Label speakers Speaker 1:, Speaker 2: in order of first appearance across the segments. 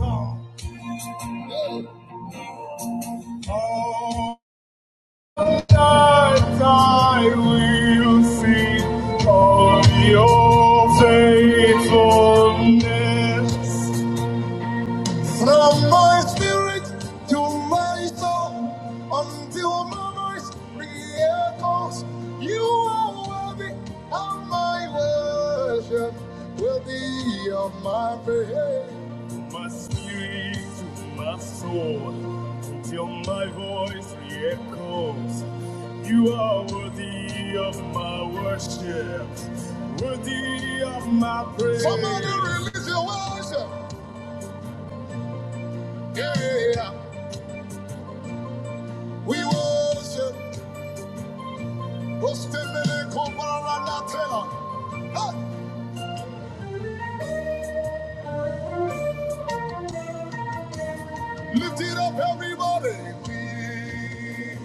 Speaker 1: All night I will see of your faithfulness. From my spirit to my soul, until my voice re-echoes, you are worthy of my worship, worthy of my praise. From my spirit to my soul, until my voice re-echoes, you are worthy of my worship, worthy of my praise. Somebody release your worship, yeah. We worship. Ah, Lift it up, everybody. We,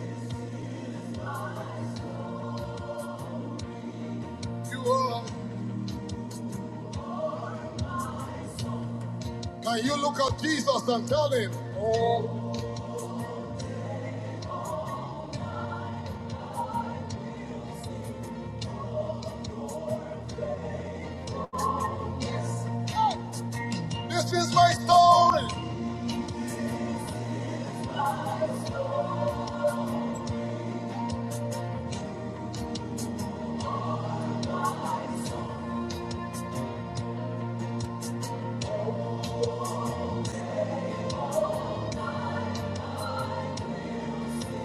Speaker 1: you are. Can you look at Jesus and tell him, Oh, this is my story.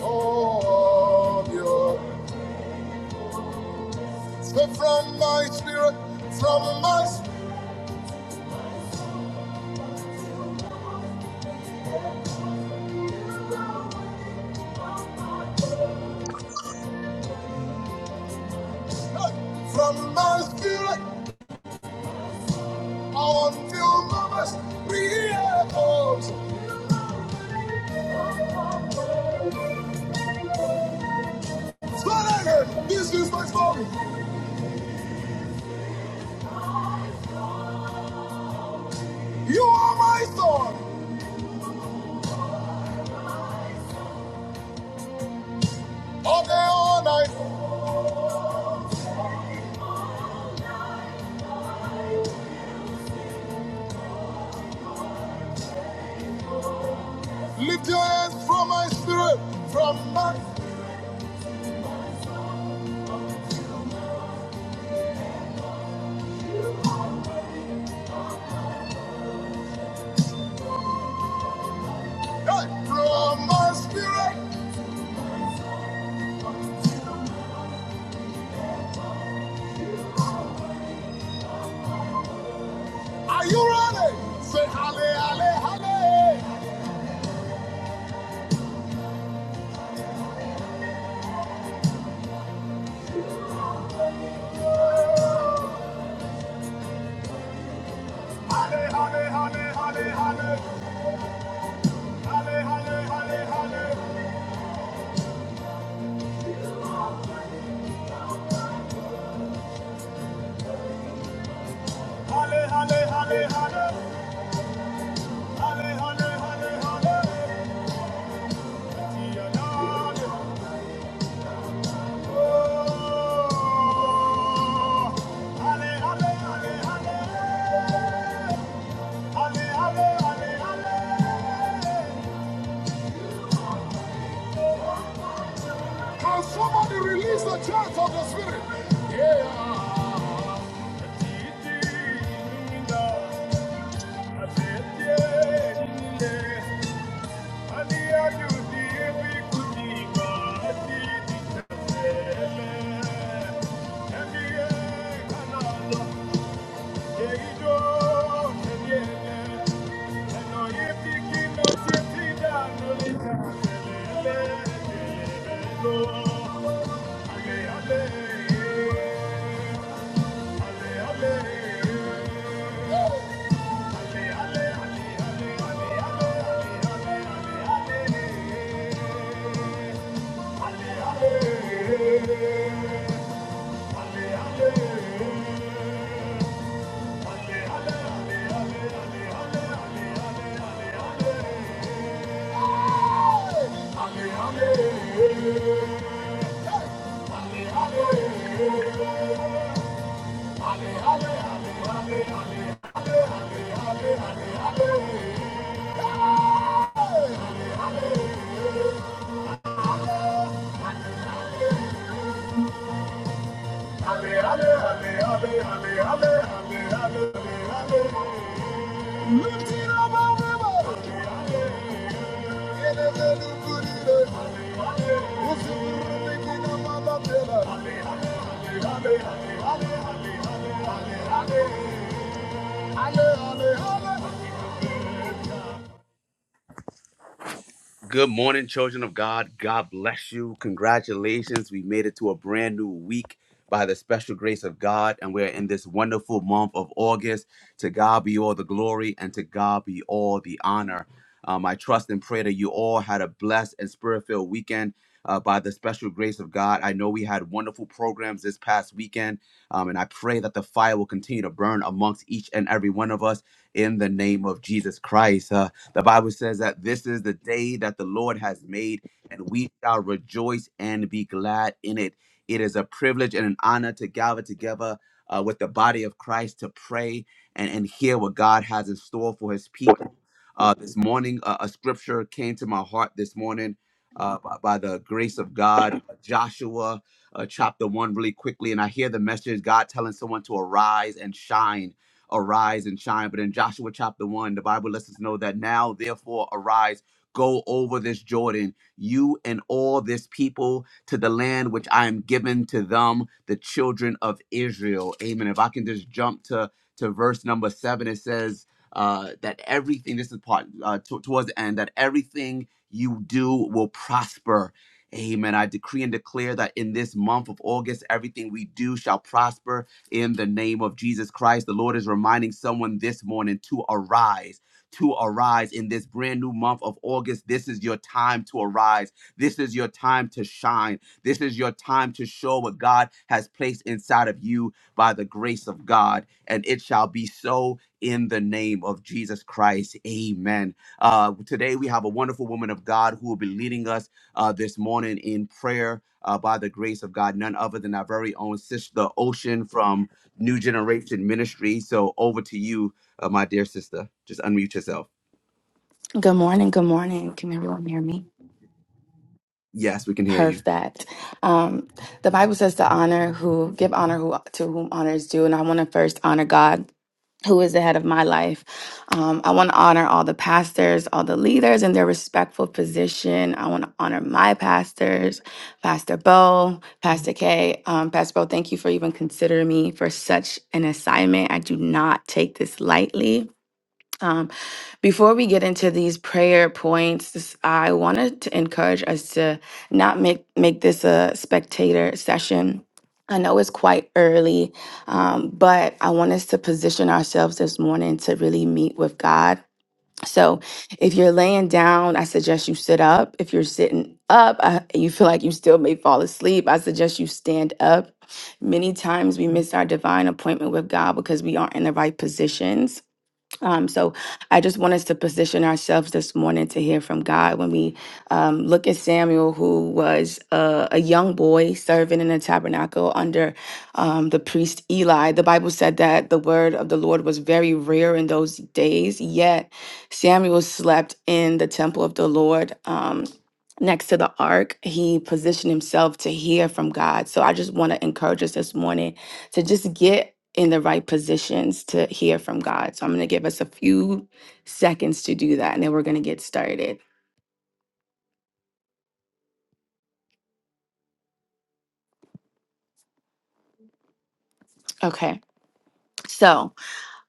Speaker 1: Oh, yeah. So from my spirit, from my spirit, from my spirit, until my spirit comes. So again, this is my story. You are my story. All day, all night. Lift your hands from my spirit, from my, hey, from my spirit. Are you ready? Say halle, halle, halle, halle, halle, halle, halle, halle, halle, halle, halle, halle, halle, halle, halle, halle, halle, halle, halle. Dear Lord, oh, halle, halle, halle, halle, halle, halle, halle, halle. Can somebody release the church of the Spirit? Yeah. Thank you. Hallelujah. Lift it up, everybody. Good morning, children of God. God bless you. Congratulations. We made it to a brand new week by the special grace of God, and we're in this wonderful month of August. To God be all the glory, and to God be all the honor. Um, I trust and pray that you all had a blessed and spirit filled weekend. uh, by the special grace of God, I know we had wonderful programs this past weekend, um, and I pray that the fire will continue to burn amongst each and every one of us in the name of Jesus Christ. Uh, the Bible says that this is the day that the Lord has made, and we shall rejoice and be glad in it. It is a privilege and an honor to gather together uh, with the body of Christ to pray and, and hear what God has in store for his people. Uh, this morning, uh, a scripture came to my heart this morning uh, by, by the grace of God, uh, Joshua uh, chapter one, really quickly. And I hear the message God telling someone to arise and shine arise and shine. But in Joshua chapter 1, the Bible lets us know that now, therefore, arise, go over this Jordan, you and all this people, to the land which I am giving to them, the children of Israel. Amen. If I can just jump to, to verse number 7, it says, uh, that everything, this is part uh, to towards the end, that everything you do will prosper. Amen. I decree and declare that in this month of August, everything we do shall prosper in the name of Jesus Christ. The Lord is reminding someone this morning to arise. To arise in this brand new month of August. This is your time to arise. This is your time to shine. This is your time to show what God has placed inside of you by the grace of God. And it shall be so in the name of Jesus Christ. Amen. Uh, today, we have a wonderful woman of God who will be leading us uh, this morning in prayer uh, by the grace of God, none other than our very own sister Ocean from New Generation Ministry. So over to you, uh, my dear sister. Just unmute yourself.
Speaker 2: Good morning. Good morning. Can everyone hear me?
Speaker 1: Yes, we can hear you.
Speaker 2: Perfect. Um, the Bible says to honor who give honor who to whom honor is due, and I want to first honor God, who is the head of my life. Um, I want to honor all the pastors, all the leaders, and their respectful position. I want to honor my pastors, Pastor Bo, Pastor K, um, Pastor Bo. Thank you for even considering me for such an assignment. I do not take this lightly. Um, before we get into these prayer points, this- I wanted to encourage us to not make make this a spectator session. I know it's quite early, um, but I want us to position ourselves this morning to really meet with God. So, if you're laying down, I suggest you sit up. If you're sitting up, I, you feel like you still may fall asleep. I suggest you stand up. Many times we miss our divine appointment with God because we aren't in the right positions. Um, so I just want us to position ourselves this morning to hear from God when we um, look at Samuel, who was a, a young boy serving in the tabernacle under um, the priest Eli. The Bible said that the word of the Lord was very rare in those days, yet Samuel slept in the temple of the Lord. Um, Next to the ark, he positioned himself to hear from God. So I just want to encourage us this morning to just get in the right positions to hear from God. So I'm going to give us a few seconds to do that and then we're going to get started. Okay. So,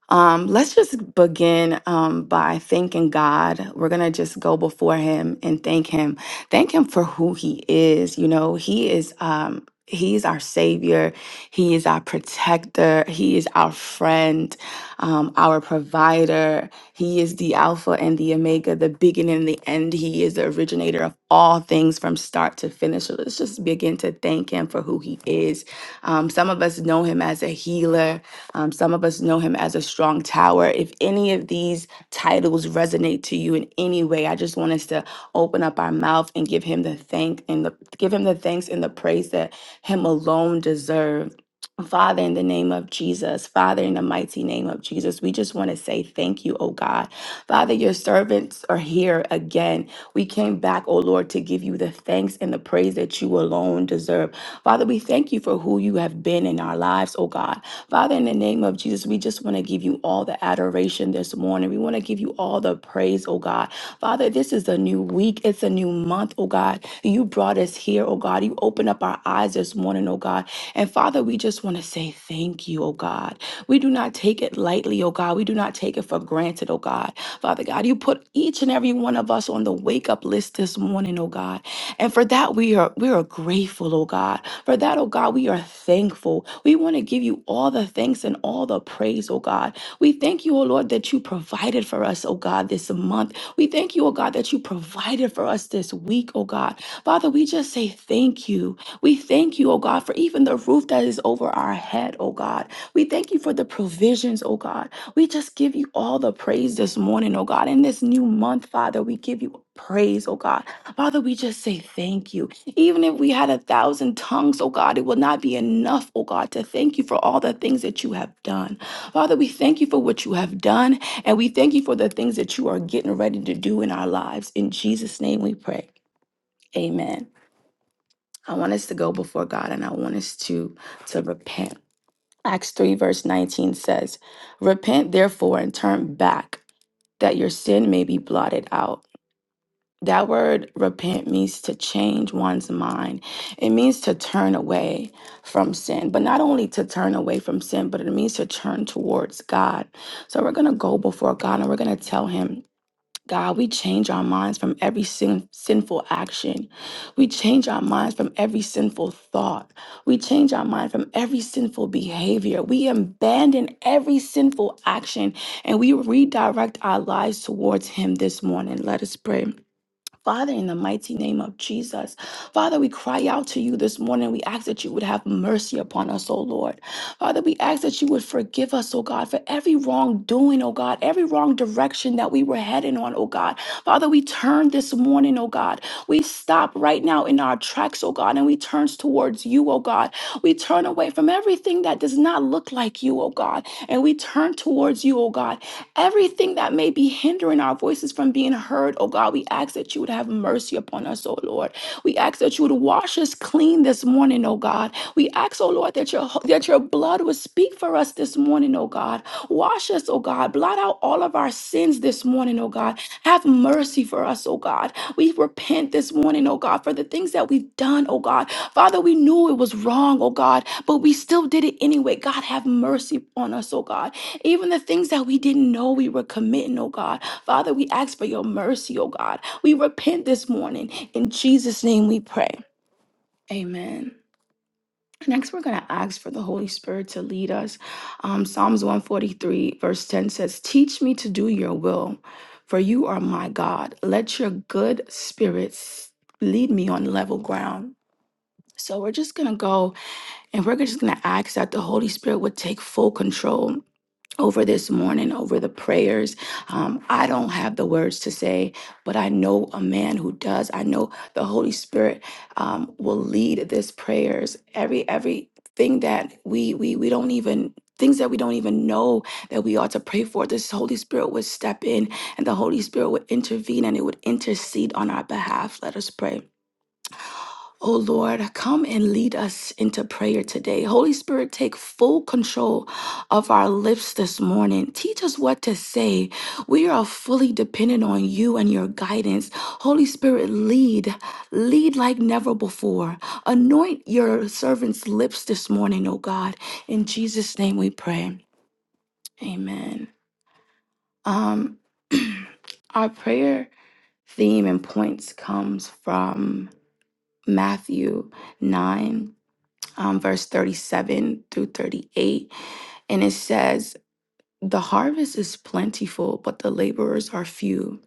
Speaker 2: Um, let's just begin um, by thanking God. We're going to just go before Him and thank Him. Thank Him for who He is. You know, He is. Um, He's our savior. He is our protector. He is our friend, um, our provider. He is the Alpha and the Omega, the beginning and the end. He is the originator of all things from start to finish. So let's just begin to thank Him for who He is. Um, some of us know Him as a healer. Um, some of us know him as a strong tower. If any of these titles resonate to you in any way, I just want us to open up our mouth and give him the thank and the, give him the thanks and the praise that him alone deserves. Father, in the name of Jesus, Father, in the mighty name of Jesus, we just want to say thank you, oh God. Father, your servants are here again. We came back, oh Lord, to give you the thanks and the praise that you alone deserve. Father, we thank you for who you have been in our lives, oh God. Father, in the name of Jesus, we just want to give you all the adoration this morning. We want to give you all the praise, oh God. Father, this is a new week. It's a a new month, oh God. You brought us here, oh God. You opened up our eyes this morning, oh God. And Father, we just want to say thank you, oh God. We do not take it lightly, oh God. We do not take it for granted, oh God. Father God, you put each and every one of us on the wake up list this morning, oh God. And for that, we are we are grateful, oh God. For that, oh God, we are thankful. We want to give you all the thanks and all the praise, oh God. We thank you, oh Lord, that you provided for us, oh God, this month. We thank you, oh God, that you provided for us this week, oh God. Father, we just say thank you. We thank you, oh God, for even the roof that is over our head, oh God. We thank you for the provisions, oh God. We just give you all the praise this morning, oh God. In this new month, Father, we give you praise, oh God. Father, we just say thank you. Even if we had a thousand tongues, oh God, it will not be enough, oh God, to thank you for all the things that you have done. Father, we thank you for what you have done and we thank you for the things that you are getting ready to do in our lives. In Jesus' name we pray. Amen. I want us to go before God and I want us to, to repent. Acts 3, verse 19 says, Repent therefore and turn back that your sin may be blotted out. That word repent means to change one's mind. It means to turn away from sin, but not only to turn away from sin, but it means to turn towards God. So we're going to go before God and we're going to tell Him God, we change our minds from every sin, sinful action. We change our minds from every sinful thought. We change our mind from every sinful behavior. We abandon every sinful action and we redirect our lives towards Him this morning. Let us pray. Father, in the mighty name of Jesus, Father, we cry out to you this morning. We ask that you would have mercy upon us, O Lord. Father, we ask that you would forgive us, O God, for every wrongdoing, O God, every wrong direction that we were heading on, O God. Father, we turn this morning, O God. We stop right now in our tracks, O God, and we turn towards you, O God. We turn away from everything that does not look like you, O God, and we turn towards you, O God Everything that may be hindering our voices from being heard, oh God, we ask that you would have mercy upon us, oh Lord. We ask that you would wash us clean this morning, oh God. We ask, oh Lord, that your that your blood would speak for us this morning, oh God. Wash us, oh God. Blot out all of our sins this morning, oh God. Have mercy for us, oh God. We repent this morning, oh God, for the things that we've done, oh God. Father, we knew it was wrong, oh God, but we still did it anyway. God, have mercy on us, oh God. Even the things that we didn't know we were committing, oh God. Father, we ask for your mercy, oh God. We repent this morning. In Jesus' name we pray. Amen. Next, we're going to ask for the Holy Spirit to lead us. Um, Psalms 143, verse 10 says, Teach me to do your will, for you are my God. Let your good spirits lead me on level ground. So, we're just going to go and we're just going to ask that the Holy Spirit would take full control over this morning, over the prayers. Um, I don't have the words to say, but I know a man who does. I know the Holy Spirit um, will lead this prayers. Every every thing that we we we don't even things that we don't even know that we ought to pray for this holy spirit would step in and the holy spirit would intervene and it would intercede on our behalf let us pray Oh Lord, come and lead us into prayer today. Holy Spirit, take full control of our lips this morning. Teach us what to say. We are fully dependent on you and your guidance. Holy Spirit, lead, lead like never before. Anoint your servant's lips this morning, oh God. In Jesus' name we pray. Amen. Um, our prayer theme and points comes from Matthew 9 um, verse 37 through 38. And it says, The harvest is plentiful, but the laborers are few.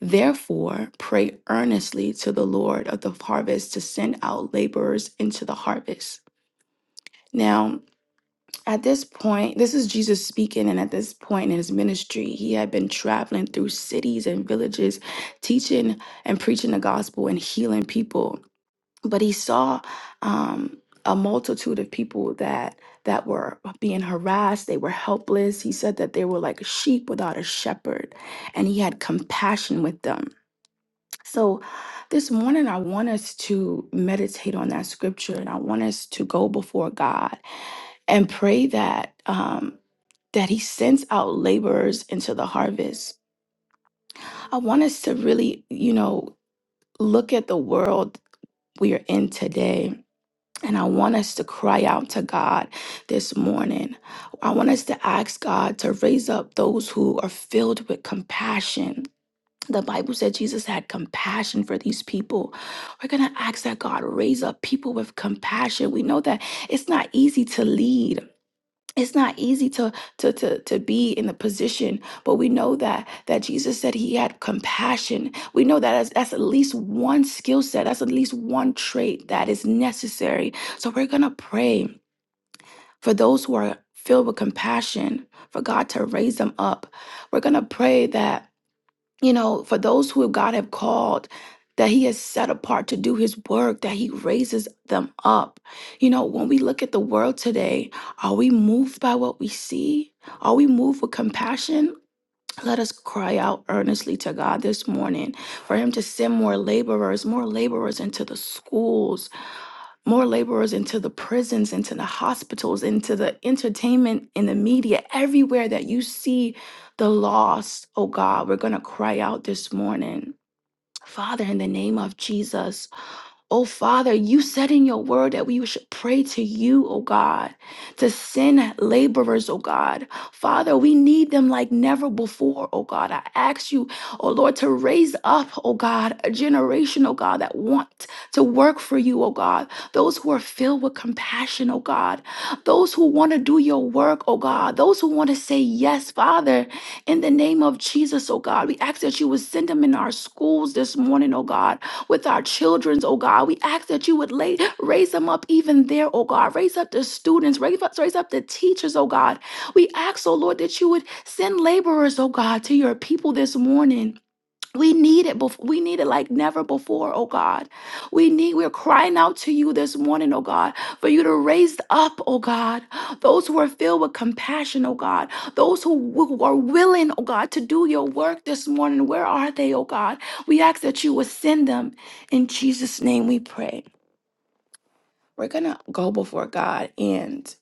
Speaker 2: Therefore, pray earnestly to the Lord of the harvest to send out laborers into the harvest. Now, at this point, this is Jesus speaking, and at this point in his ministry, he had been traveling through cities and villages, teaching and preaching the gospel and healing people but he saw um, a multitude of people that that were being harassed they were helpless he said that they were like sheep without a shepherd and he had compassion with them so this morning i want us to meditate on that scripture and i want us to go before god and pray that um, that he sends out laborers into the harvest i want us to really you know look at the world we are in today And I want us to cry out to God this morning. I want us to ask God to raise up those who are filled with compassion. The Bible said Jesus had compassion for these people. We're going to ask that God raise up people with compassion. We know that it's not easy to lead it's not easy to, to to to be in the position but we know that that jesus said he had compassion we know that as, that's that's at least one skill set that's at least one trait that is necessary so we're gonna pray for those who are filled with compassion for god to raise them up we're gonna pray that you know, for those who God have called, that He has set apart to do His work, that He raises them up. You know, when we look at the world today, are we moved by what we see? Are we moved with compassion? Let us cry out earnestly to God this morning for Him to send more laborers, more laborers into the schools, more laborers into the prisons, into the hospitals, into the entertainment, in the media, everywhere that you see the lost. Oh God, we're going to cry out this morning. Father, in the name of Jesus, Oh, Father, you said in your word that we should pray to you, oh God, to send laborers, oh God. Father, we need them like never before, oh God. I ask you, oh Lord, to raise up, oh God, a generation, oh God, that want to work for you, oh God. Those who are filled with compassion, oh God. Those who want to do your work, oh God. Those who want to say yes, Father, in the name of Jesus, oh God. We ask that you would send them in our schools this morning, oh God with our childrens, oh God. We ask that you would lay, raise them up even there, oh God. Raise up the students, raise up, raise up the teachers, oh God. We ask, oh Lord, that you would send laborers, oh God, to your people this morning. We need it before we need it like never before, oh God. We need we're crying out to you this morning, oh God, for you to raise up, oh God, those who are filled with compassion, oh God, those who, who are willing, oh God, to do your work this morning. Where are they, oh God? We ask that you would send them. In Jesus' name we pray. We're gonna go before God and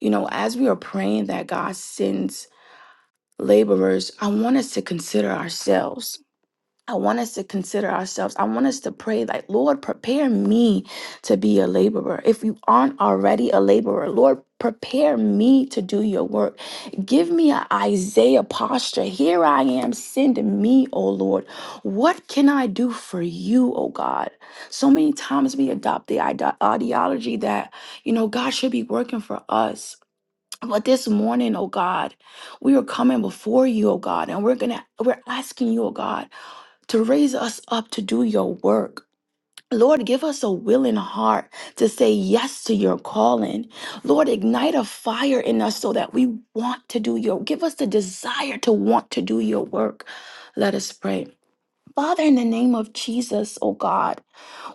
Speaker 2: you know, as we are praying that God sends laborers, I want us to consider ourselves I want us to consider ourselves. I want us to pray, like, Lord, prepare me to be a laborer. If you aren't already a laborer, Lord, prepare me to do your work. Give me an Isaiah posture. Here I am, send me, O Lord. What can I do for you, O God? So many times we adopt the ide- ideology that, you know, God should be working for us. But this morning, oh God, we are coming before you, oh God, and we're gonna we're asking you, oh God to raise us up to do your work. Lord, give us a willing heart to say yes to your calling. Lord, ignite a fire in us so that we want to do your give us the desire to want to do your work. Let us pray. Father, in the name of Jesus, oh God.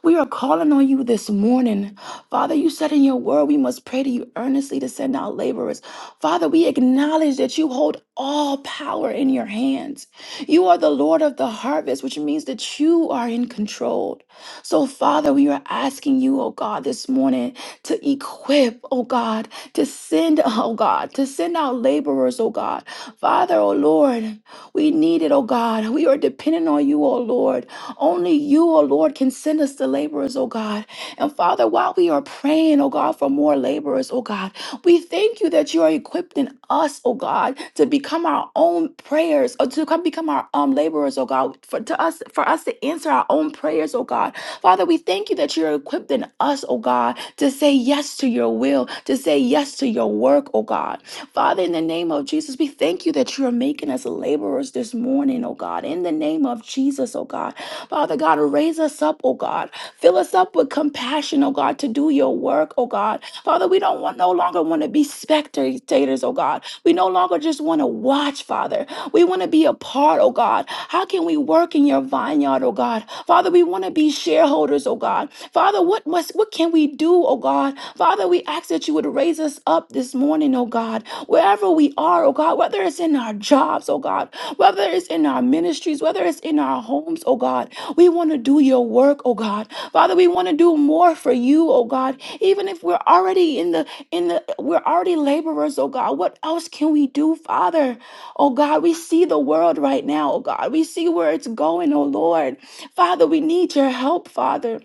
Speaker 2: We are calling on you this morning. Father, you said in your word, we must pray to you earnestly to send out laborers. Father, we acknowledge that you hold all power in your hands. You are the Lord of the harvest, which means that you are in control. So, Father, we are asking you, oh God, this morning to equip, oh God, to send, oh God, to send out laborers, oh God. Father, oh Lord, we need it, oh God. We are dependent on you, oh Lord. Only you, O Lord, can send us the laborers, O God. And Father, while we are praying, O God, for more laborers, O God, we thank you that you are equipping us, O God, to become our own prayers, or to come become our um laborers, O God, for to us for us to answer our own prayers, O God. Father, we thank you that you're equipping us, O God, to say yes to your will, to say yes to your work, O God. Father, in the name of Jesus, we thank you that you are making us laborers this morning, O God God, in the name of Jesus, oh God. Father God, raise us up, oh God. Fill us up with compassion, oh God, to do your work, oh God. Father, we don't want no longer want to be spectators, oh God. We no longer just want to watch, Father. We want to be a part, oh God. How can we work in your vineyard, oh God? Father, we want to be shareholders, oh God. Father, what must what can we we do, oh God. Father, we ask that you would raise us up this morning, oh God, wherever we are, oh God, whether it's in our jobs, oh God, whether it's in our ministries, whether it's in our homes, oh God. We want to do your work, oh God. Father, we want to do more for you, oh God. Even if we're already in the in the we're already laborers, oh God. What else can we do, Father? Oh God, we see the world right now, oh God. We see where it's going, oh Lord. Father, we need your help, Father.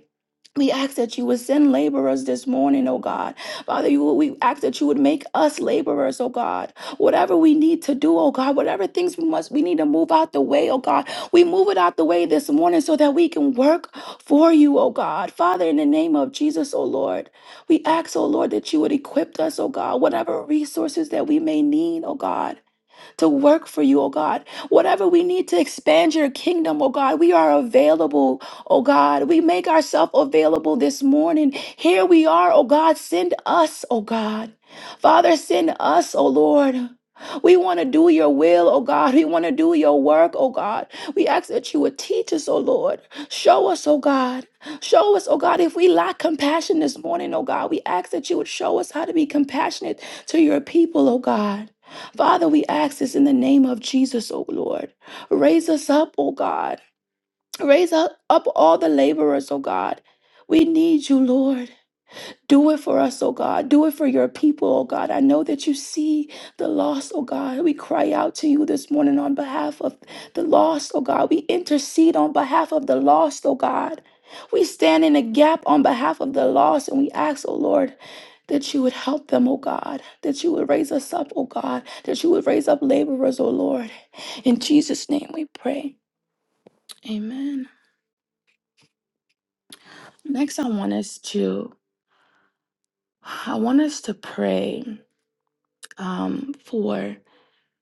Speaker 2: We ask that you would send laborers this morning, oh God. Father, you, we ask that you would make us laborers, oh God. Whatever we need to do, oh God, whatever things we must, we need to move out the way, oh God. We move it out the way this morning so that we can work for you, oh God. Father, in the name of Jesus, oh Lord, we ask, oh Lord, that you would equip us, oh God, whatever resources that we may need, oh God to work for you, oh God. Whatever we need to expand your kingdom, oh God, we are available, oh God. We make ourselves available this morning. Here we are, oh God. Send us, oh God. Father, send us, oh Lord. We want to do your will, oh God. We want to do your work, oh God. We ask that you would teach us, oh Lord. Show us, oh God. Show us, oh God, if we lack compassion this morning, oh God. We ask that you would show us how to be compassionate to your people, oh God. Father, we ask this in the name of Jesus, O Lord. Raise us up, O God. Raise up, up all the laborers, O God. We need you, Lord. Do it for us, oh God. Do it for your people, oh God. I know that you see the lost, oh God. We cry out to you this morning on behalf of the lost, oh God. We intercede on behalf of the lost, oh God. We stand in a gap on behalf of the lost and we ask, oh Lord, that you would help them, oh God. That you would raise us up, oh God. That you would raise up laborers, oh Lord. In Jesus' name we pray. Amen. Next, I want us to I want us to pray um, for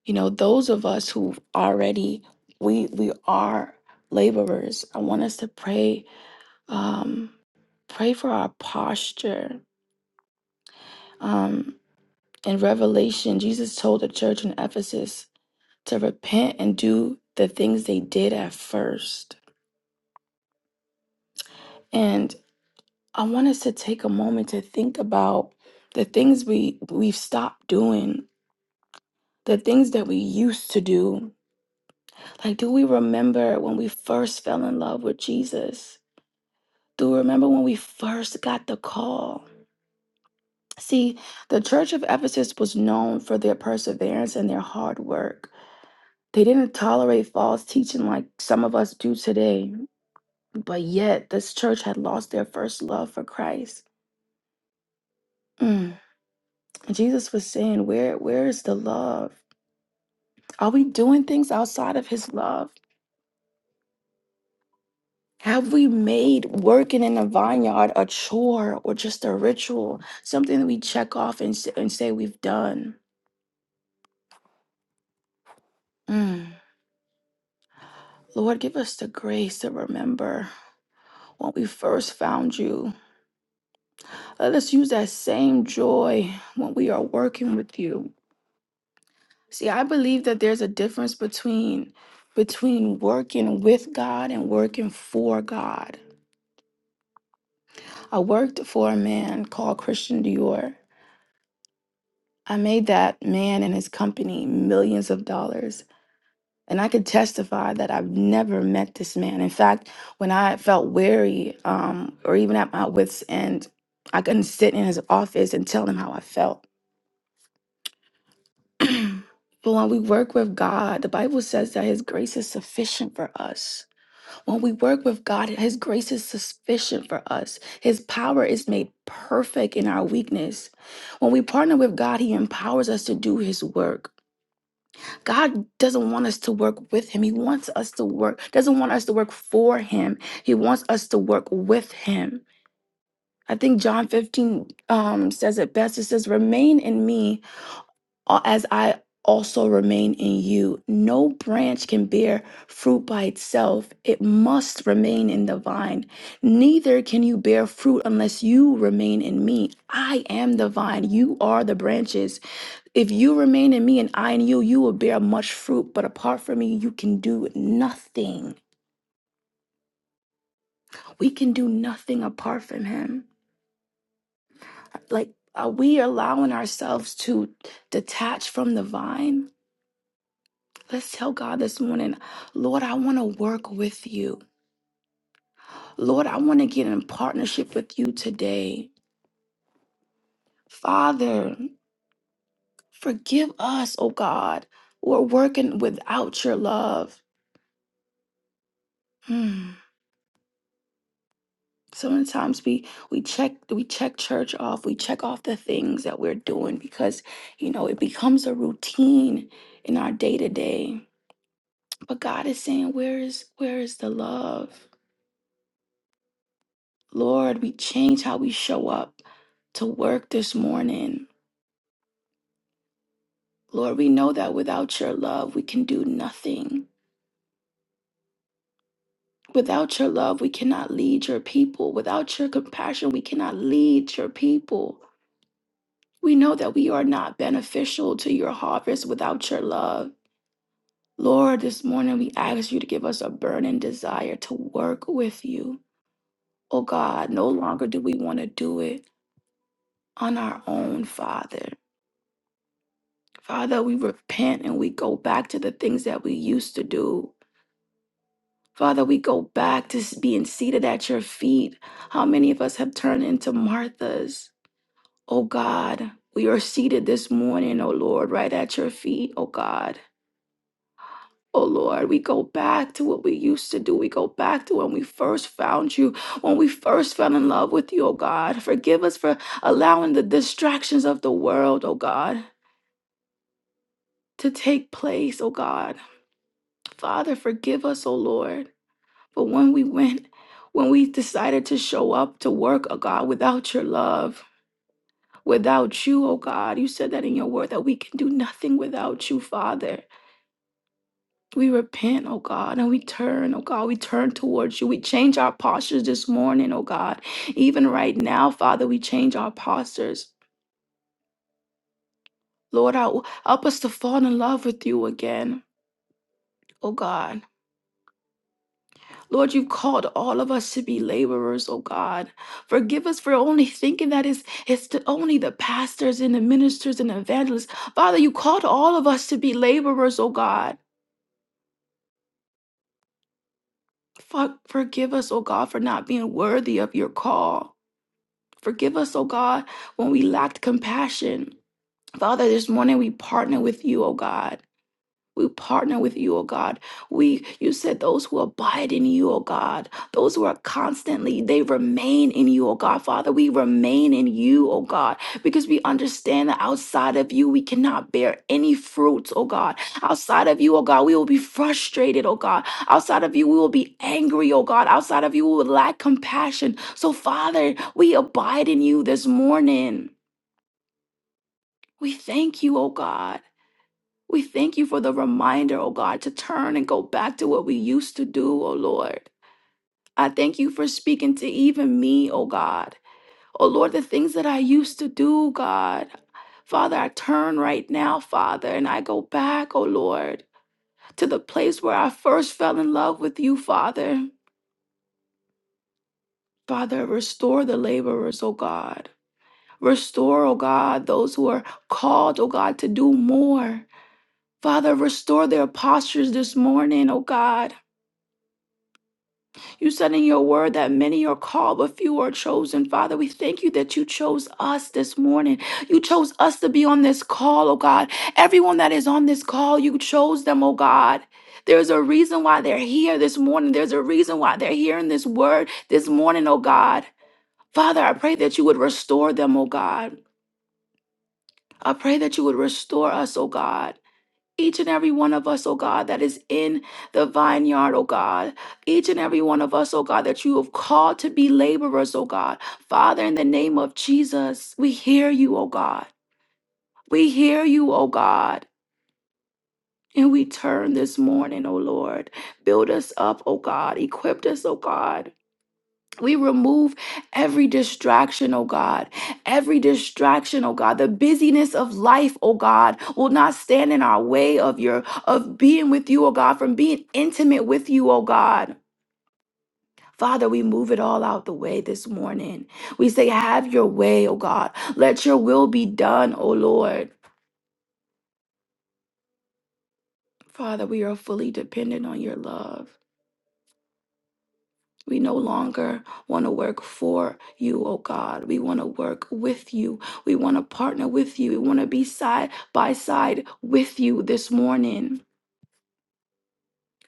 Speaker 2: you know those of us who've already we we are laborers i want us to pray um pray for our posture um in revelation jesus told the church in ephesus to repent and do the things they did at first and i want us to take a moment to think about the things we we've stopped doing the things that we used to do like do we remember when we first fell in love with jesus Do you remember when we first got the call? See, the church of Ephesus was known for their perseverance and their hard work. They didn't tolerate false teaching like some of us do today, but yet this church had lost their first love for Christ. Mm. Jesus was saying, "Where where is the love? Are we doing things outside of his love? Have we made working in the vineyard a chore or just a ritual, something that we check off and, s- and say we've done?" Mm. Lord, give us the grace to remember when we first found you. Let us use that same joy when we are working with you. See, I believe that there's a difference between between working with God and working for God. I worked for a man called Christian Dior. I made that man and his company millions of dollars. And I can testify that I've never met this man. In fact, when I felt weary um, or even at my wits' end, I couldn't sit in his office and tell him how I felt. but when we work with God, the Bible says that his grace is sufficient for us. When we work with God, his grace is sufficient for us. His power is made perfect in our weakness. When we partner with God, he empowers us to do his work. God doesn't want us to work with him. He wants us to work, doesn't want us to work for him. He wants us to work with him. I think John 15 um, says it best. It says, Remain in me uh, as I also remain in you. No branch can bear fruit by itself, it must remain in the vine. Neither can you bear fruit unless you remain in me. I am the vine, you are the branches. If you remain in me and I in you, you will bear much fruit. But apart from me, you can do nothing. We can do nothing apart from him. Like, are we allowing ourselves to detach from the vine? Let's tell God this morning, Lord, I want to work with you. Lord, I want to get in partnership with you today. Father, forgive us, oh God. We're working without your love. Hmm. So many times we we check we check church off, we check off the things that we're doing because you know it becomes a routine in our day to day. But God is saying, where is where is the love? Lord, we change how we show up to work this morning. Lord, we know that without your love, we can do nothing. Without your love, we cannot lead your people. Without your compassion, we cannot lead your people. We know that we are not beneficial to your harvest without your love. Lord, this morning we ask you to give us a burning desire to work with you. Oh God, no longer do we want to do it on our own, Father. Father, we repent and we go back to the things that we used to do. Father, we go back to s- being seated at your feet. How many of us have turned into Marthas? Oh God, we are seated this morning, oh Lord, right at your feet, oh God. Oh Lord, we go back to what we used to do. We go back to when we first found you, when we first fell in love with you, oh God. Forgive us for allowing the distractions of the world, oh God, to take place, oh God. Father, forgive us, oh Lord, for when we went, when we decided to show up to work, oh God, without your love, without you, oh God. You said that in your word that we can do nothing without you, Father. We repent, oh God, and we turn, oh God. We turn towards you. We change our postures this morning, oh God. Even right now, Father, we change our postures. Lord, help help us to fall in love with you again, oh God. Lord, you've called all of us to be laborers, oh God. Forgive us for only thinking that it's, it's the, only the pastors and the ministers and the evangelists. Father, you called all of us to be laborers, oh God. For, forgive us, oh God, for not being worthy of your call. Forgive us, O God, when we lacked compassion. Father, this morning we partner with you, O God. We partner with you, oh God. We you said those who abide in you, oh God, those who are constantly, they remain in you, oh God. Father, we remain in you, oh God, because we understand that outside of you, we cannot bear any fruits, oh God. Outside of you, oh God, we will be frustrated, oh God. Outside of you, we will be angry, oh God. Outside of you, we will lack compassion. So, Father, we abide in you this morning. We thank you, oh God. We thank you for the reminder, oh God, to turn and go back to what we used to do, oh Lord. I thank you for speaking to even me, oh God. Oh Lord, the things that I used to do, God. Father, I turn right now, Father, and I go back, oh Lord, to the place where I first fell in love with you, Father. Father, restore the laborers, oh God. Restore, oh God, those who are called, oh God, to do more. Father, restore their postures this morning, oh God. You said in your word that many are called, but few are chosen. Father, we thank you that you chose us this morning. You chose us to be on this call, oh God. Everyone that is on this call, you chose them, oh God. There's a reason why they're here this morning. There's a reason why they're hearing this word this morning, oh God. Father, I pray that you would restore them, oh God. I pray that you would restore us, oh God. Each and every one of us, oh God, that is in the vineyard, oh God. Each and every one of us, oh God, that you have called to be laborers, oh God. Father, in the name of Jesus, we hear you, oh God. We hear you, oh God. And we turn this morning, oh Lord. Build us up, oh God. Equip us, oh God. We remove every distraction, oh God. Every distraction, oh God. The busyness of life, oh God, will not stand in our way of your of being with you, oh God, from being intimate with you, oh God. Father, we move it all out the way this morning. We say, Have your way, oh God. Let your will be done, oh Lord. Father, we are fully dependent on your love. We no longer want to work for you, oh God. We want to work with you. We want to partner with you. We want to be side by side with you this morning.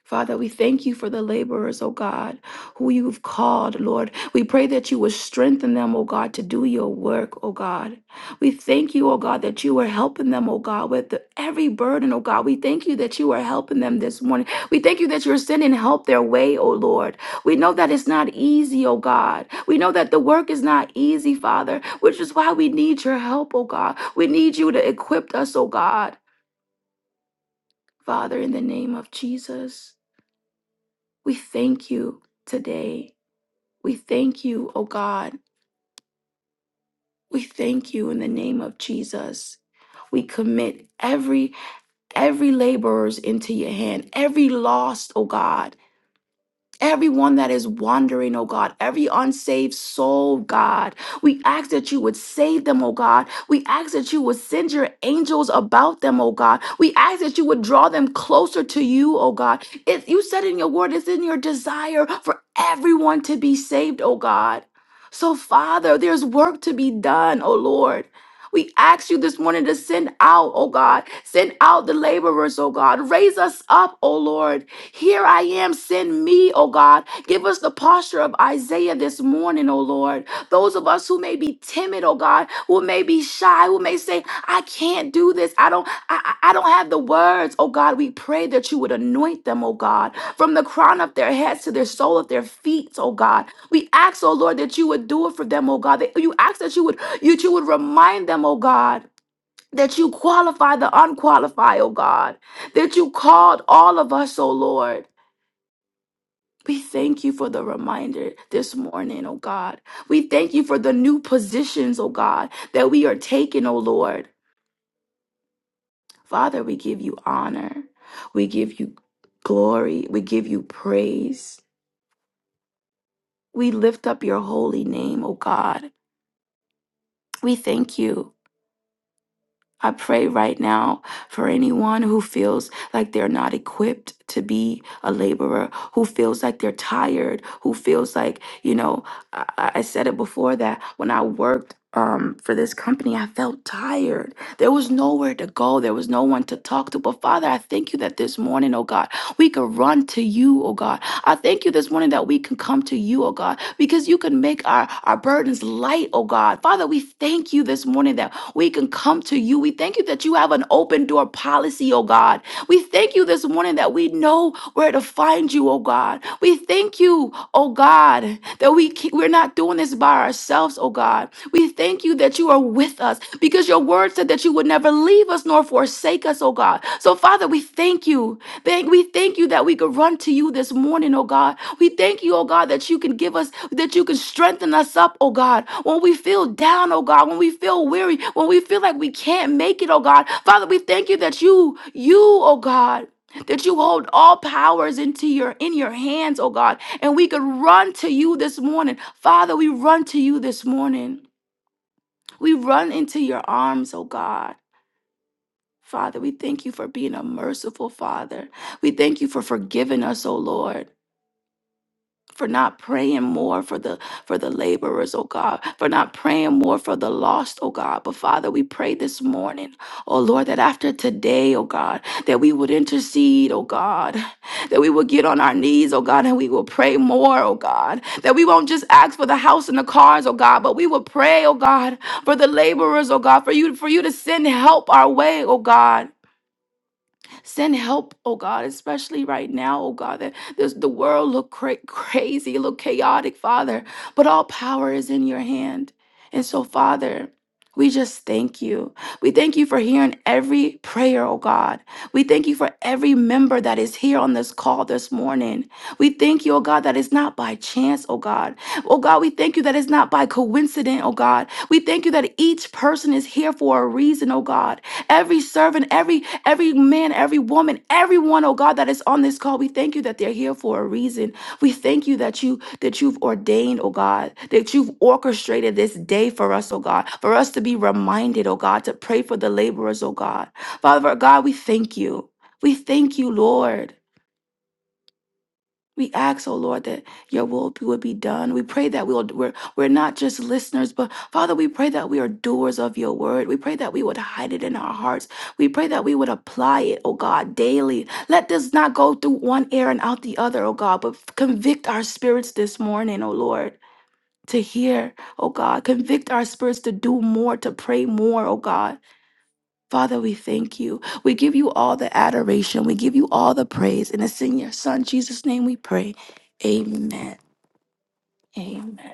Speaker 2: Father, we thank you for the laborers, oh God, who you've called, Lord. We pray that you would strengthen them, oh God, to do your work, oh God. We thank you, oh God, that you are helping them, oh God, with the- every burden, oh God. We thank you that you are helping them this morning. We thank you that you're sending help their way, oh Lord. We know that it's not easy, oh God. We know that the work is not easy, Father, which is why we need your help, oh God. We need you to equip us, oh God. Father, in the name of Jesus. We thank you today. We thank you, oh God. We thank you in the name of Jesus. We commit every every laborers into your hand, every lost, oh God. Everyone that is wandering, oh God, every unsaved soul, God, we ask that you would save them, oh God. We ask that you would send your angels about them, oh God. We ask that you would draw them closer to you, oh God. If you said in your word, it's in your desire for everyone to be saved, oh God. So, Father, there's work to be done, oh Lord. We ask you this morning to send out, oh God, send out the laborers, oh God. Raise us up, oh Lord. Here I am, send me, oh God. Give us the posture of Isaiah this morning, oh Lord. Those of us who may be timid, oh God, who may be shy, who may say, I can't do this. I don't, I, I I don't have the words, oh God. We pray that you would anoint them, oh God, from the crown of their heads to their sole of their feet, oh God. We ask, oh Lord, that you would do it for them, oh God. That you ask that you would, you, you would remind them, oh God. That you qualify the unqualified, oh God. That you called all of us, oh Lord we thank you for the reminder this morning, oh God. We thank you for the new positions, oh God, that we are taking, oh Lord. Father, we give you honor. We give you glory. We give you praise. We lift up your holy name, oh God. We thank you. I pray right now for anyone who feels like they're not equipped to be a laborer, who feels like they're tired, who feels like, you know, I, I I said it before that when I worked um, for this company, I felt tired. There was nowhere to go, there was no one to talk to. But Father, I thank you that this morning, oh God, we could run to you, oh God. I thank you this morning that we can come to you, oh God, because you can make our, our burdens light, oh God. Father, we thank you this morning that we can come to you. We thank you that you have an open door policy, oh God. We thank you this morning that we know where to find you, oh God. We thank you, oh God, that we ke- we're not doing this by ourselves, oh God. We thank you you that you are with us because your word said that you would never leave us nor forsake us, oh God. So, Father, we thank you. Thank we thank you that we could run to you this morning, oh God. We thank you, oh God, that you can give us, that you can strengthen us up, oh God, when we feel down, oh God, when we feel weary, when we feel like we can't make it, oh God. Father, we thank you that you, you, oh God, that you hold all powers into your in your hands, oh God, and we could run to you this morning. Father, we run to you this morning. We run into your arms, oh God. Father, we thank you for being a merciful Father. We thank you for forgiving us, oh Lord for not praying more for the for the laborers oh god for not praying more for the lost oh god but father we pray this morning oh lord that after today oh god that we would intercede oh god that we would get on our knees oh god and we will pray more oh god that we won't just ask for the house and the cars oh god but we will pray oh god for the laborers oh god for you for you to send help our way oh god Send help, oh God, especially right now, oh God, that this, the world look cra- crazy, look chaotic, Father, but all power is in your hand. And so, Father, we just thank you. We thank you for hearing every prayer, oh God. We thank you for every member that is here on this call this morning. We thank you, oh God, that it's not by chance, oh God. Oh God, we thank you that it's not by coincidence, oh God. We thank you that each person is here for a reason, oh God. Every servant, every every man, every woman, everyone, oh God, that is on this call. We thank you that they're here for a reason. We thank you that you that you've ordained, oh God, that you've orchestrated this day for us, oh God, for us to be reminded, oh God, to pray for the laborers, oh God. Father God, we thank you. We thank you, Lord. We ask, oh Lord, that your will be- would be done. We pray that we will, we're, we're not just listeners, but Father, we pray that we are doers of your word. We pray that we would hide it in our hearts. We pray that we would apply it, oh God, daily. Let this not go through one ear and out the other, oh God, but convict our spirits this morning, oh Lord. To hear, oh God, convict our spirits to do more, to pray more, oh God. Father, we thank you. We give you all the adoration. We give you all the praise. And it's in your Son, Jesus' name, we pray. Amen. Amen.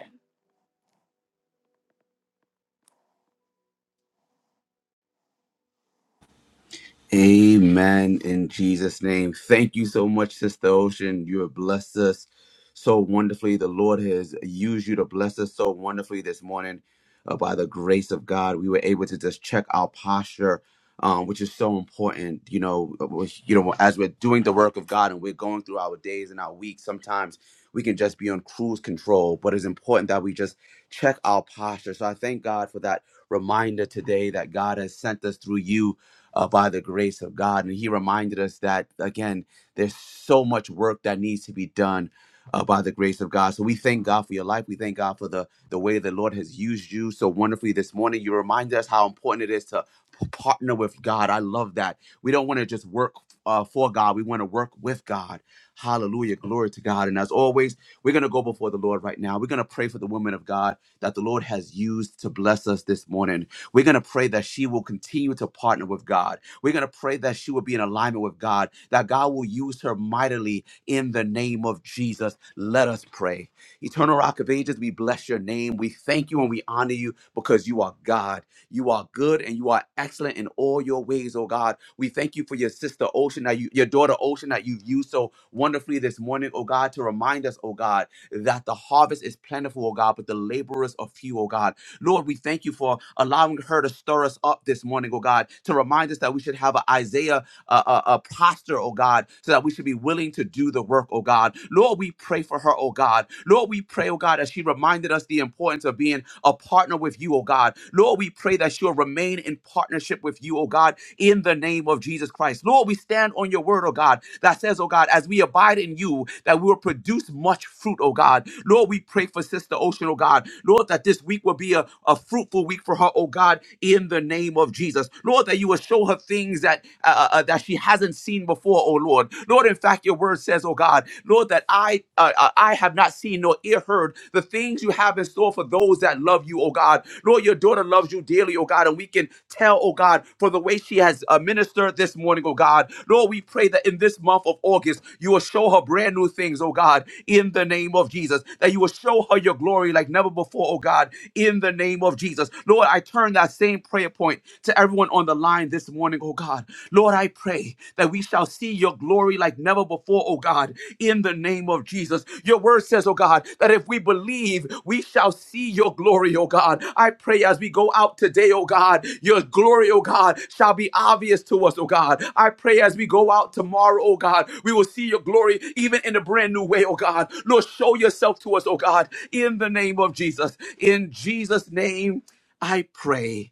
Speaker 1: Amen in Jesus' name. Thank you so much, Sister Ocean. You have blessed us so wonderfully. The Lord has used you to bless us so wonderfully this morning. Uh, by the grace of God, we were able to just check our posture, um, which is so important. You know, uh, with- you know, as we're doing the work of God and we're going through our days and our weeks, sometimes we can just be on cruise control. But it's important that we just check our posture. So I thank God for that reminder today that God has sent us through you uh, by the grace of God. And he reminded us that, again, there's so much work that needs to be done uh, by the grace of God. So we thank God for your life. We thank God for the, the way the Lord has used you so wonderfully this morning. You remind us how important it is to p- partner with God. I love that. We don't want to just work uh, for God, we want to work with God. Hallelujah. Glory to God. And as always, we're going to go before the Lord right now. We're going to pray for the women of God that the Lord has used to bless us this morning. We're going to pray that she will continue to partner with God. We're going to pray that she will be in alignment with God, that God will use her mightily in the name of Jesus. Let us pray. Eternal Rock of Ages, we bless your name. We thank you and we honor you because you are God. You are good and you are excellent in all your ways, oh God. We thank you for your sister Ocean, that you, your daughter Ocean, that you've used so wonderfully this morning, oh God, to remind us, oh God, that the harvest is plentiful, oh God, but the laborers are few, oh God. Lord, we thank you for allowing her to stir us up this morning, oh God, to remind us that we should have an Isaiah uh, uh, uh, posture, oh God, so that we should be willing to do the work, oh God. Lord, we pray for her, oh God. Lord, we pray, oh God, as she reminded us the importance of being a partner with you, oh God. Lord, we pray that she'll remain in partnership with you, oh God, in the name of Jesus Christ. Lord, we stand on your word, oh God, that says, oh God, as we abide in you, that we will produce much fruit, oh God. Lord, we pray for Sister Ocean, oh God. Lord, that this week will be a, a fruitful week for her, oh God, in the name of Jesus. Lord, that you will show her her things that uh, uh, uh, that she hasn't seen before, oh Lord. Lord, in fact, your word says, oh God, Lord, that I uh, uh, I have not seen nor ear heard the things you have in store for those that love you, oh God. Lord, your daughter loves you dearly, oh God, and we can tell, oh God, for the way she has uh, ministered this morning, oh God. Lord, we pray that in this month of August, you will show her brand new things, oh God, in the name of Jesus, that you will show her your glory like never before, oh God, in the name of Jesus. Lord, I turn that same prayer point to every everyone on the line this morning, oh God. Lord, I pray that we shall see your glory like never before, oh God, in the name of Jesus. Your word says, oh God, that if we believe, we shall see your glory, oh God. I pray as we go out today, oh God, your glory, oh God, shall be obvious to us, oh God. I pray as we go out tomorrow, oh God, we will see your glory even in a brand new way, oh God. Lord, show yourself to us, oh God, in the name of Jesus. In Jesus' name, I pray.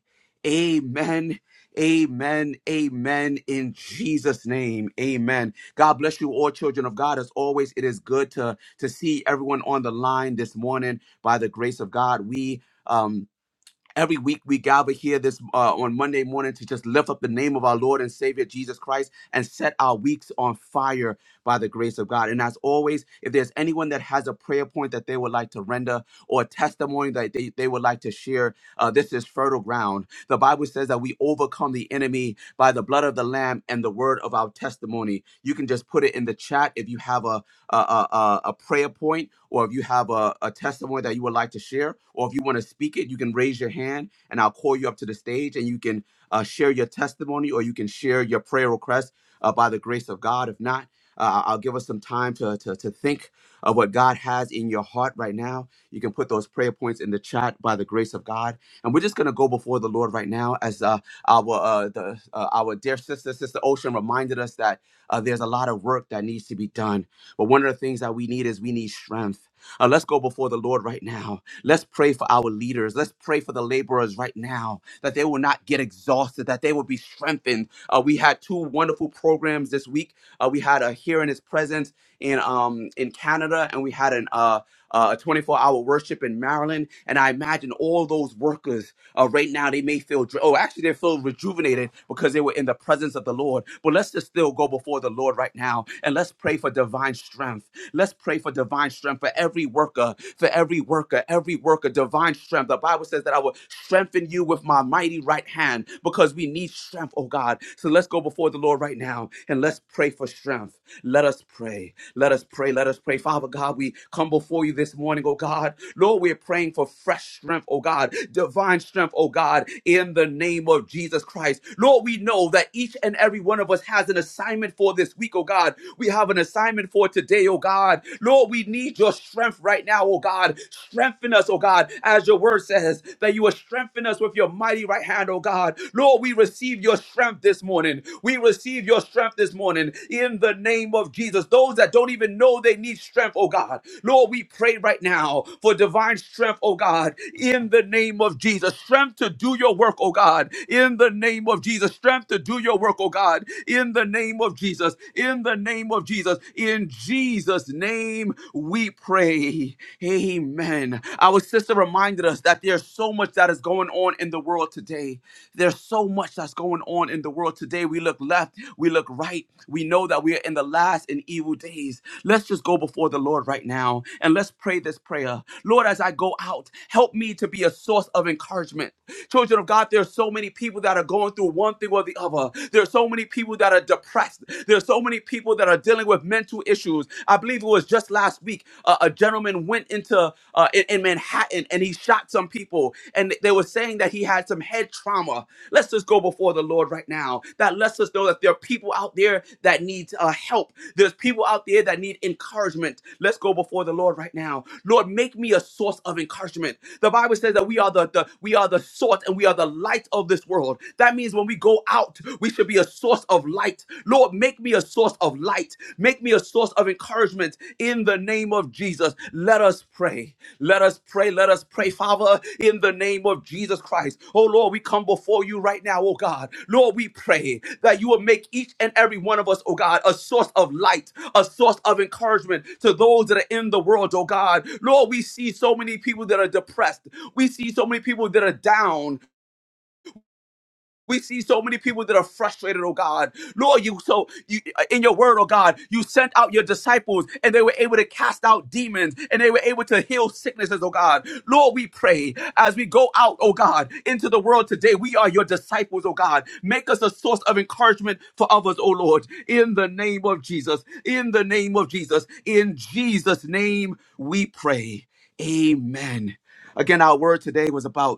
Speaker 1: Amen. Amen. Amen. In Jesus' name. Amen. God bless you, all children of God. As always, it is good to, to see everyone on the line this morning by the grace of God. We um Every week we gather here this uh, on Monday morning to just lift up the name of our Lord and Savior Jesus Christ and set our weeks on fire by the grace of God. And as always, if there's anyone that has a prayer point that they would like to render or a testimony that they, they would like to share, uh, this is fertile ground. The Bible says that we overcome the enemy by the blood of the Lamb and the word of our testimony. You can just put it in the chat if you have a a, a, a prayer point, or if you have a, a testimony that you would like to share, or if you want to speak it, you can raise your hand and I'll call you up to the stage and you can uh, share your testimony or you can share your prayer request uh, by the grace of God. If not, uh, I'll give us some time to, to, to think of what God has in your heart right now. You can put those prayer points in the chat by the grace of God. And we're just going to go before the Lord right now as uh, our, uh, the, uh, our dear sister, Sister Ocean reminded us that uh, there's a lot of work that needs to be done but one of the things that we need is we need strength. Uh, let's go before the Lord right now. Let's pray for our leaders. Let's pray for the laborers right now that they will not get exhausted, that they will be strengthened. Uh, we had two wonderful programs this week. Uh, we had a Here in His Presence in um, in Canada, and we had an uh, uh, a 24 hour worship in Maryland. And I imagine all those workers uh, right now, they may feel, dr- oh, actually, they feel rejuvenated because they were in the presence of the Lord. But let's just still go before the Lord right now and let's pray for divine strength. Let's pray for divine strength for every worker, for every worker, every worker, divine strength. The Bible says that I will strengthen you with my mighty right hand because we need strength, oh God. So let's go before the Lord right now and let's pray for strength. Let us pray. Let us pray. Let us pray. Father God, we come before you this morning, oh God. Lord, we're praying for fresh strength, oh God, divine strength, oh God, in the name of Jesus Christ. Lord, we know that each and every one of us has an assignment for this week, oh God. We have an assignment for today, oh God. Lord, we need your strength right now, oh God. Strengthen us, oh God, as your word says that you are strengthening strengthen us with your mighty right hand, oh God. Lord, we receive your strength this morning. We receive your strength this morning in the name of Jesus. Those that don't even know they need strength, oh God. Lord, we pray right now for divine strength, oh God, in the name of Jesus. Strength to do your work, oh God, in the name of Jesus. Strength to do your work, oh God, in the name of Jesus. In the name of Jesus. In Jesus' name, we pray. Amen. Our sister reminded us that there's so much that is going on in the world today. There's so much that's going on in the world today. We look left, we look right. We know that we are in the last and evil days. Let's just go before the Lord right now and let's pray this prayer. Lord, as I go out, help me to be a source of encouragement. Children of God, there's so many people that are going through one thing or the other. There's so many people that are depressed. There's so many people that are dealing with mental issues. I believe it was just last week, uh, a gentleman went into uh, in, in Manhattan and he shot some people, and they were saying that he had some head trauma Let's just go before the Lord right now. That lets us know that there are people out there that need uh, help. There's people out there that need encouragement. Let's go before the Lord right now. Lord, make me a source of encouragement. The Bible says that we are the, the we are the salt and we are the light of this world. That means when we go out, we should be a source of light. Lord, make me a source of light. Make me a a source of encouragement in the name of Jesus. Let us pray. Let us pray. Let us pray, Father, in the name of Jesus Christ. Oh Lord, we come before you right now, oh God. Lord, we pray that you will make each and every one of us, oh God, a source of light, a source of encouragement to those that are in the world, oh God. Lord, we see so many people that are depressed. We see so many people that are down. We see so many people that are frustrated, oh God. Lord, you so you uh, in your word, oh God, you sent out your disciples and they were able to cast out demons and they were able to heal sicknesses, oh God. Lord, we pray as we go out, oh God, into the world today. We are your disciples, oh God. Make us a source of encouragement for others, oh Lord. In the name of Jesus. In the name of Jesus. In Jesus' name we pray. Amen. Again, our word today was about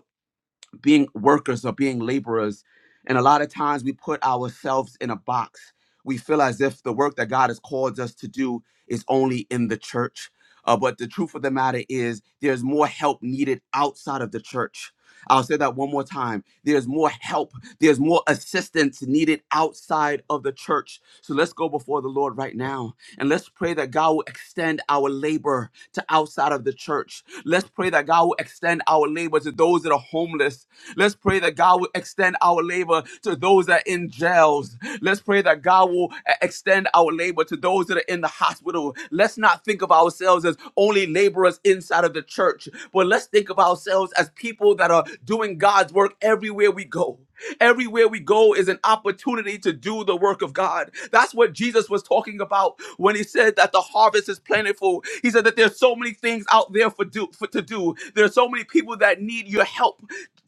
Speaker 1: being workers or being laborers. And a lot of times we put ourselves in a box. We feel as if the work that God has called us to do is only in the church. Uh, but the truth of the matter is, there's more help needed outside of the church. I'll say that one more time. There's more help, there's more assistance needed outside of the church. So let's go before the Lord right now and let's pray that God will extend our labor to outside of the church. Let's pray that God will extend our labor to those that are homeless. Let's pray that God will extend our labor to those that are in jails. Let's pray that God will uh, extend our labor to those those that are in the hospital. Let's not think of ourselves as only laborers inside of the church, but let's think of ourselves as people that are doing God's work everywhere we go. Everywhere we go is an opportunity to do the work of God. That's what Jesus was talking about when he said that the harvest is plentiful. He said that there's so many things out there for do for to do. There's so many people that need your help.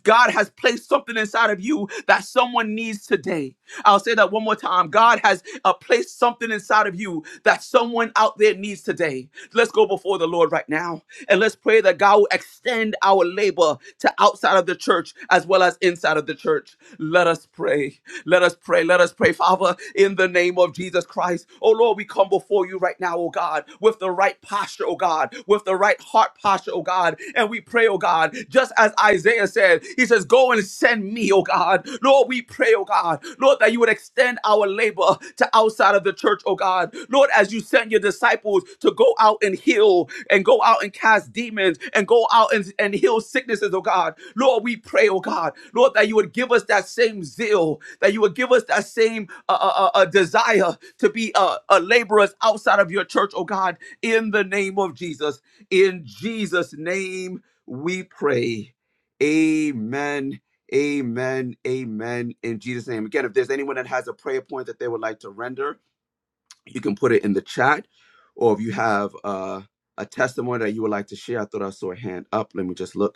Speaker 1: God has placed something inside of you that someone needs today. I'll say that one more time. God has uh, placed something inside of you that someone out there needs today. Let's go before the Lord right now and let's pray that God will extend our labor to outside of the church as well as inside of the church. Let us pray. Let us pray. Let us pray, Father, in the name of Jesus Christ. Oh Lord, we come before you right now, oh God, with the right posture, oh God, with the right heart posture, oh God. And we pray, oh God, just just as Isaiah said, he says, Go and send me, oh God. Lord, we pray, oh God, Lord, that you would extend our labor to outside of the church, oh God. Lord, as you sent your disciples to go out and heal and go out and cast demons and go out and, and heal sicknesses, oh God. Lord, we pray, oh God, Lord, that you would give us that same zeal, that you would give us that same uh, uh, uh, uh, desire to be uh, uh, laborers outside of your church, oh God, in the name of Jesus. In Jesus' name we pray. Amen. Amen. Amen. In Jesus' name. Again, if there's anyone that has a prayer point that they would like to render, you can put it in the chat. Or if you have uh, a testimony that you would like to share, I thought I saw a hand up. Let me just look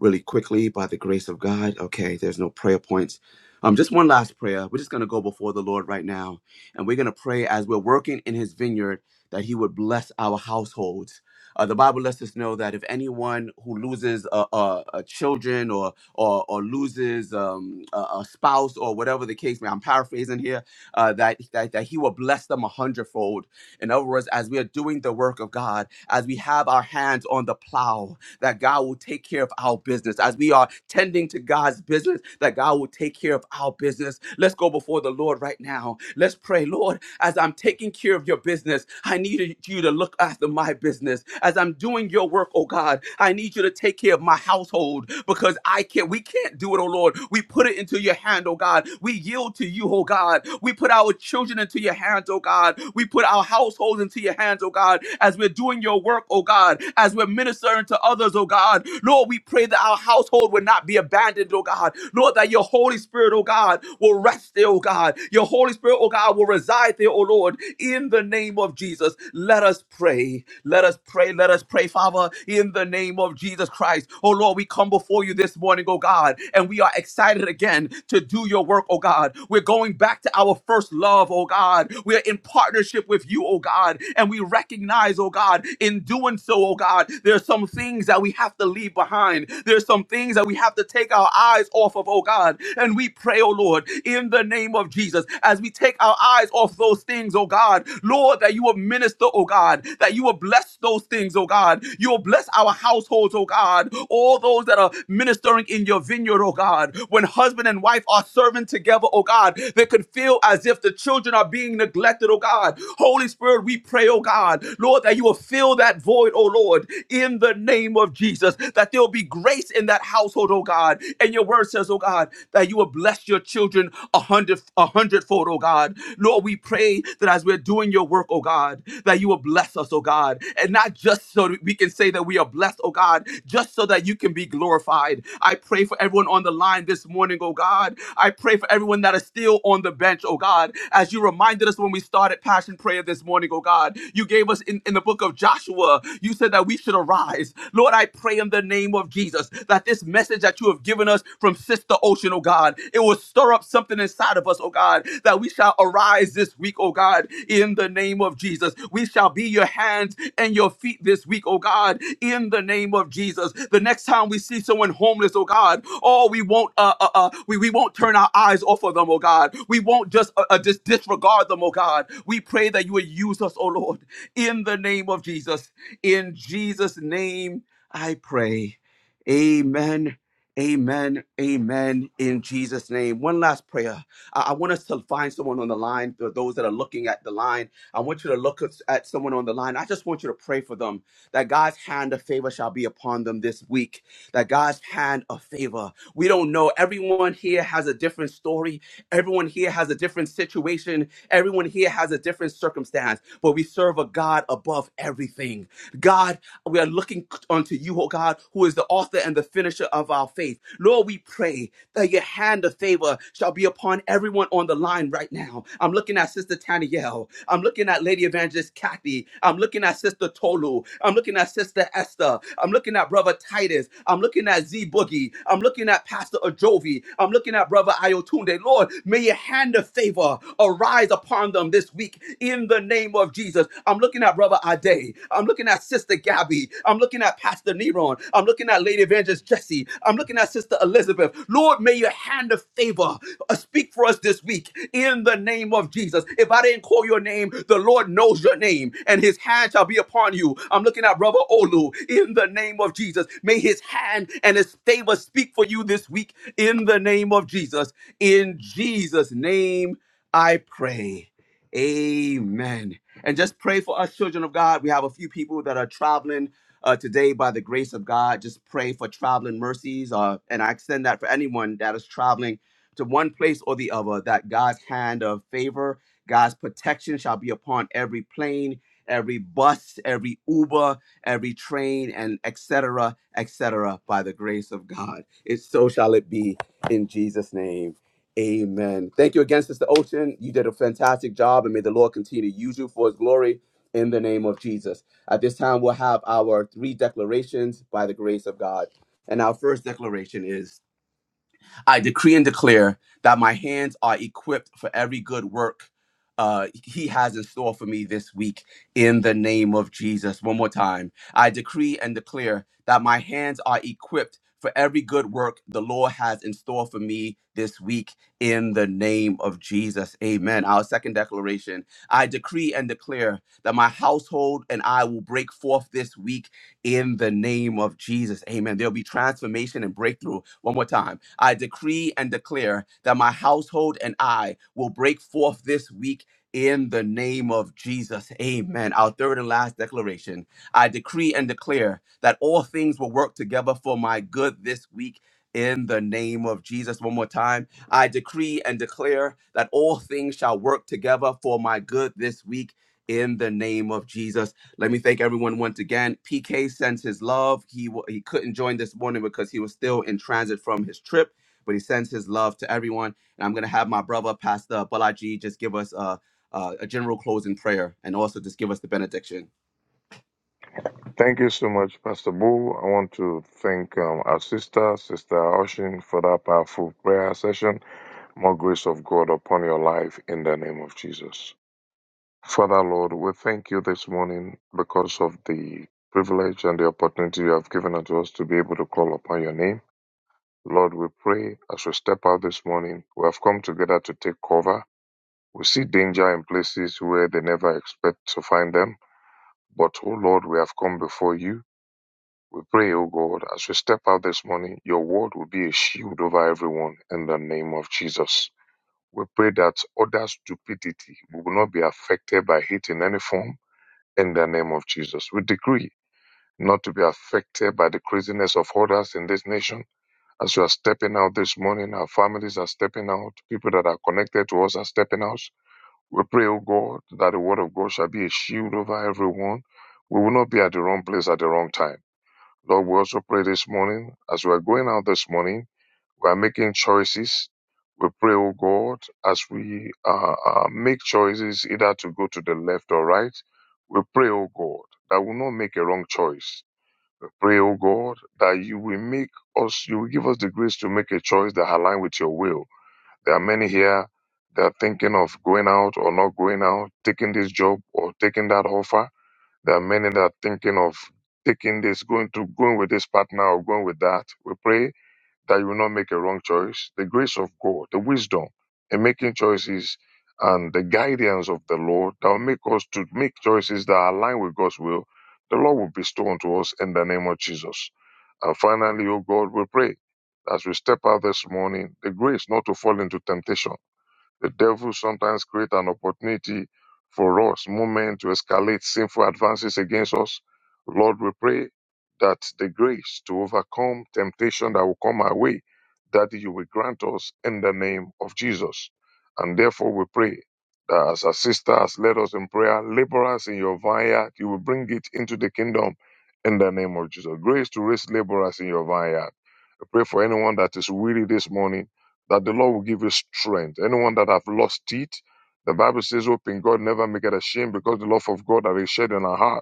Speaker 1: really quickly by the grace of God. Okay, there's no prayer points. Um, just one last prayer. We're just going to go before the Lord right now, and we're going to pray as we're working in His vineyard that He would bless our households. Uh, the Bible lets us know that if anyone who loses uh, uh, uh, children or or, or loses um, a, a spouse or whatever the case may, I'm paraphrasing here, uh, that, that that He will bless them a hundredfold. In other words, as we are doing the work of God, as we have our hands on the plow, that God will take care of our business. As we are tending to God's business, that God will take care of our business. Let's go before the Lord right now. Let's pray, Lord, as I'm taking care of your business, I need you to look after my business. As I'm doing your work, oh God, I need you to take care of my household because I can't, we can't do it, oh Lord. We put it into your hand, oh God. We yield to you, oh God. We put our children into your hands, oh God. We put our households into your hands, oh God, as we're doing your work, oh God, as we're ministering ministering to others, oh God. Lord, we pray that our household would not be abandoned, oh God. Lord, that your Holy Spirit, oh God, will rest there, oh God. Your Holy Spirit, oh God, will reside there, oh Lord, in the name of Jesus. Let us pray. Let us pray. Let us pray, Father, in the name of Jesus Christ. Oh Lord, we come before you this morning, oh God, and we are excited again to do your work, oh God. We're going back to our first love, oh God. We're in partnership with you, oh God, and we recognize, oh God, in doing so, so, oh God, there are some things that we have to leave behind. There's some things that we have to take our eyes off of, oh God. And we pray, oh Lord, in the name of Jesus, as we take our eyes off those things, oh God, Lord, that you will minister, oh God, that you will bless those things, oh God. You will bless our households, oh God. All those that are ministering in your vineyard, oh God. When husband and wife are serving together, oh God, they can feel as if the children are being neglected, oh God. Holy Spirit, we pray, oh God, Lord, that you will fill fill that void, oh Lord, in the name of Jesus, that there will be grace in that household, oh God. And your word says, oh God, that you will bless your children a hundred a hundredfold, oh God. Lord, we pray that as we're doing your work, oh God, that you will bless us, oh God. And not just so that we can say that we are blessed, oh God, just so that you can be glorified. I pray for everyone on the line this morning, oh God. I pray for everyone that is still on the bench, oh God. As you reminded us when we started Passion Prayer this morning, oh God, you gave us in, in in the book of Joshua, you said that we should arise. Lord, I pray in the name of Jesus that this message that you have given us from Sister Ocean, oh God, it will stir up something inside of us, oh God, that we shall arise this week, oh God, in the name of Jesus. We shall be your hands and your feet this week, oh God, in the name of Jesus. The next time we see someone homeless, oh God, oh, we won't, uh, uh, uh, we, we won't turn our eyes off of them, oh God. We won't just, uh, uh, just disregard them, oh God. We pray that you would use us, oh Lord in the name of Jesus. In Jesus' name, I pray. Amen. Amen. Amen. In Jesus' name. One last prayer. I, I want us to find someone on the line. For those that are looking at the line, I want you to look at, at someone on the line. I just want you to pray for them that God's hand of favor shall be upon them this week. That God's hand of favor. We don't know. Everyone here has a different story. Everyone here has a different situation Everyone here has a different circumstance, but we serve a God above everything. God, we are looking unto you, oh God, who is the author and the finisher of our faith. Lord, we pray that your hand of favor shall be upon everyone on the line right now. I'm looking at Sister Tanielle. I'm looking at Lady Evangelist Kathy. I'm looking at Sister Tolu. I'm looking at Sister Esther. I'm looking at Brother Titus. I'm looking at Z Boogie. I'm looking at Pastor Ajovi. I'm looking at Brother Ayotunde. Lord, may your hand of favor arise upon them this week in the name of Jesus. I'm looking at Brother Ade. I'm looking at Sister Gabby. I'm looking at Pastor Neron. I'm looking at Lady Evangelist Jesse. I'm looking at Sister Elizabeth. Lord, may your hand of favor uh, speak for us this week in the name of Jesus. If I didn't call your name, the Lord knows your name and his hand shall be upon you. I'm looking at Brother Olu in the name of Jesus. May his hand and his favor speak for you this week in the name of Jesus. In Jesus' name I pray. Amen. And just pray for us, children of God. We have a few people that are traveling uh, today by the grace of God. Just pray for traveling mercies. Uh, and I extend that for anyone that is traveling to one place or the other, that God's hand of favor, God's protection shall be upon every plane, every bus, every Uber, every train, and etc., etc., by the grace of God. It so shall it be in Jesus' name. Amen. Thank you again, Sister Ocean. You did a fantastic job, and may the Lord continue to use you for his glory in the name of Jesus. At this time, we'll have our three declarations by the grace of God. And our first declaration is I decree and declare that my hands are equipped for every good work uh, he has in store for me this week in the name of Jesus. One more time. I decree and declare that my hands are equipped for every good work the Lord has in store for me this week in the name of Jesus. Amen. Our second declaration I decree and declare that my household and I will break forth this week in the name of Jesus. Amen. There'll be transformation and breakthrough. One more time. I decree and declare that my household and I will break forth this week. In the name of Jesus. Amen. Our third and last declaration. I decree and declare that all things will work together for my good this week in the name of Jesus. One more time. I decree and declare that all things shall work together for my good this week in the name of Jesus. Let me thank everyone once again. PK sends his love. He wa he couldn't join this morning because he was still in transit from his trip, but he sends his love to everyone. And I'm gonna have my brother, Pastor Balaji, just give us a, a, a general closing prayer and also just give us the benediction.
Speaker 3: Thank you so much, Pastor Boo. I want to thank um, our sister, Sister Oshin, for that powerful prayer session. More grace of God upon your life in the name of Jesus. Father, Lord, we thank you this morning because of the privilege and the opportunity you have given unto us to be able to call upon your name. Lord, we pray as we step out this morning, we have come together to take cover. We see danger in places where they never expect to find them. But, oh Lord, we have come before you we pray, O God, as we step out this morning, your word will be a shield over everyone in the name of Jesus. We pray that other stupidity will not be affected by hate in any form in the name of Jesus. We decree not to be affected by the craziness of others in this nation. As we are stepping out this morning, our families are stepping out, people that are connected to us are stepping out. We pray, O God, that the word of God shall be a shield over everyone. We will not be at the wrong place at the wrong time Lord, we also pray this morning as we are going out this morning, we are making choices. We pray, oh God, as we uh, uh, make choices either to go to the left or right, we pray, oh God, that we will not make a wrong choice. We pray, oh God, that you will make us, you will give us the grace to make a choice that aligns with your will. There are many here that are thinking of going out or not going out, taking this job or taking that offer there are many that are thinking of taking this, going to going with this partner or going with that. We pray that you will not make a wrong choice. The grace of God, the wisdom in making choices and the guidance of the Lord that will make us to make choices that are aligned with God's will, the Lord will bestow unto us in the name of Jesus. And finally, O God, we pray as we step out this morning, the grace not to fall into temptation the devil sometimes creates an opportunity for us, moment to escalate sinful advances against us. Lord, we pray that the grace to overcome temptation that will come our way, that you will grant us in the name of Jesus. And therefore we pray that as our sister has led us in prayer, laborers in your vineyard, you will bring it into the kingdom in the name of Jesus. Grace to raise laborers in your vineyard. I pray for anyone that is weary this morning that the Lord will give you strength. Anyone that have lost it, the Bible says, hope in God never make it ashamed because the love of God that is shed in our heart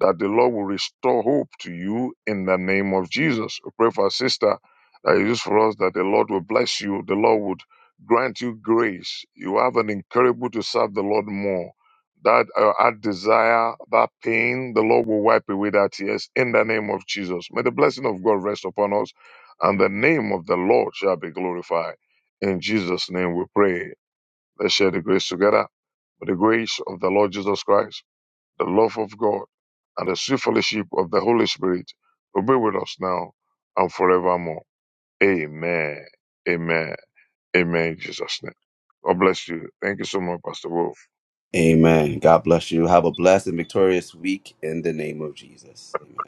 Speaker 3: that the Lord will restore hope to you in the name of Jesus. We pray for our sister that it is for us that the Lord will bless you, the Lord would grant you grace. You have an incurable to serve the Lord more. That uh, our desire, that pain, the Lord will wipe away that tears in the name of Jesus. May the blessing of God rest upon us, and the name of the Lord shall be glorified. In Jesus' name we pray. Let's share the grace together. May the grace of the Lord Jesus Christ the love of God, and the sweet fellowship of the Holy Spirit will be with us now and forevermore. Amen. Amen. Amen. In Jesus' name. God bless you. Thank you so much, Pastor Wolf.
Speaker 1: Amen. God bless you. Have a blessed and victorious week in the name of Jesus. Amen.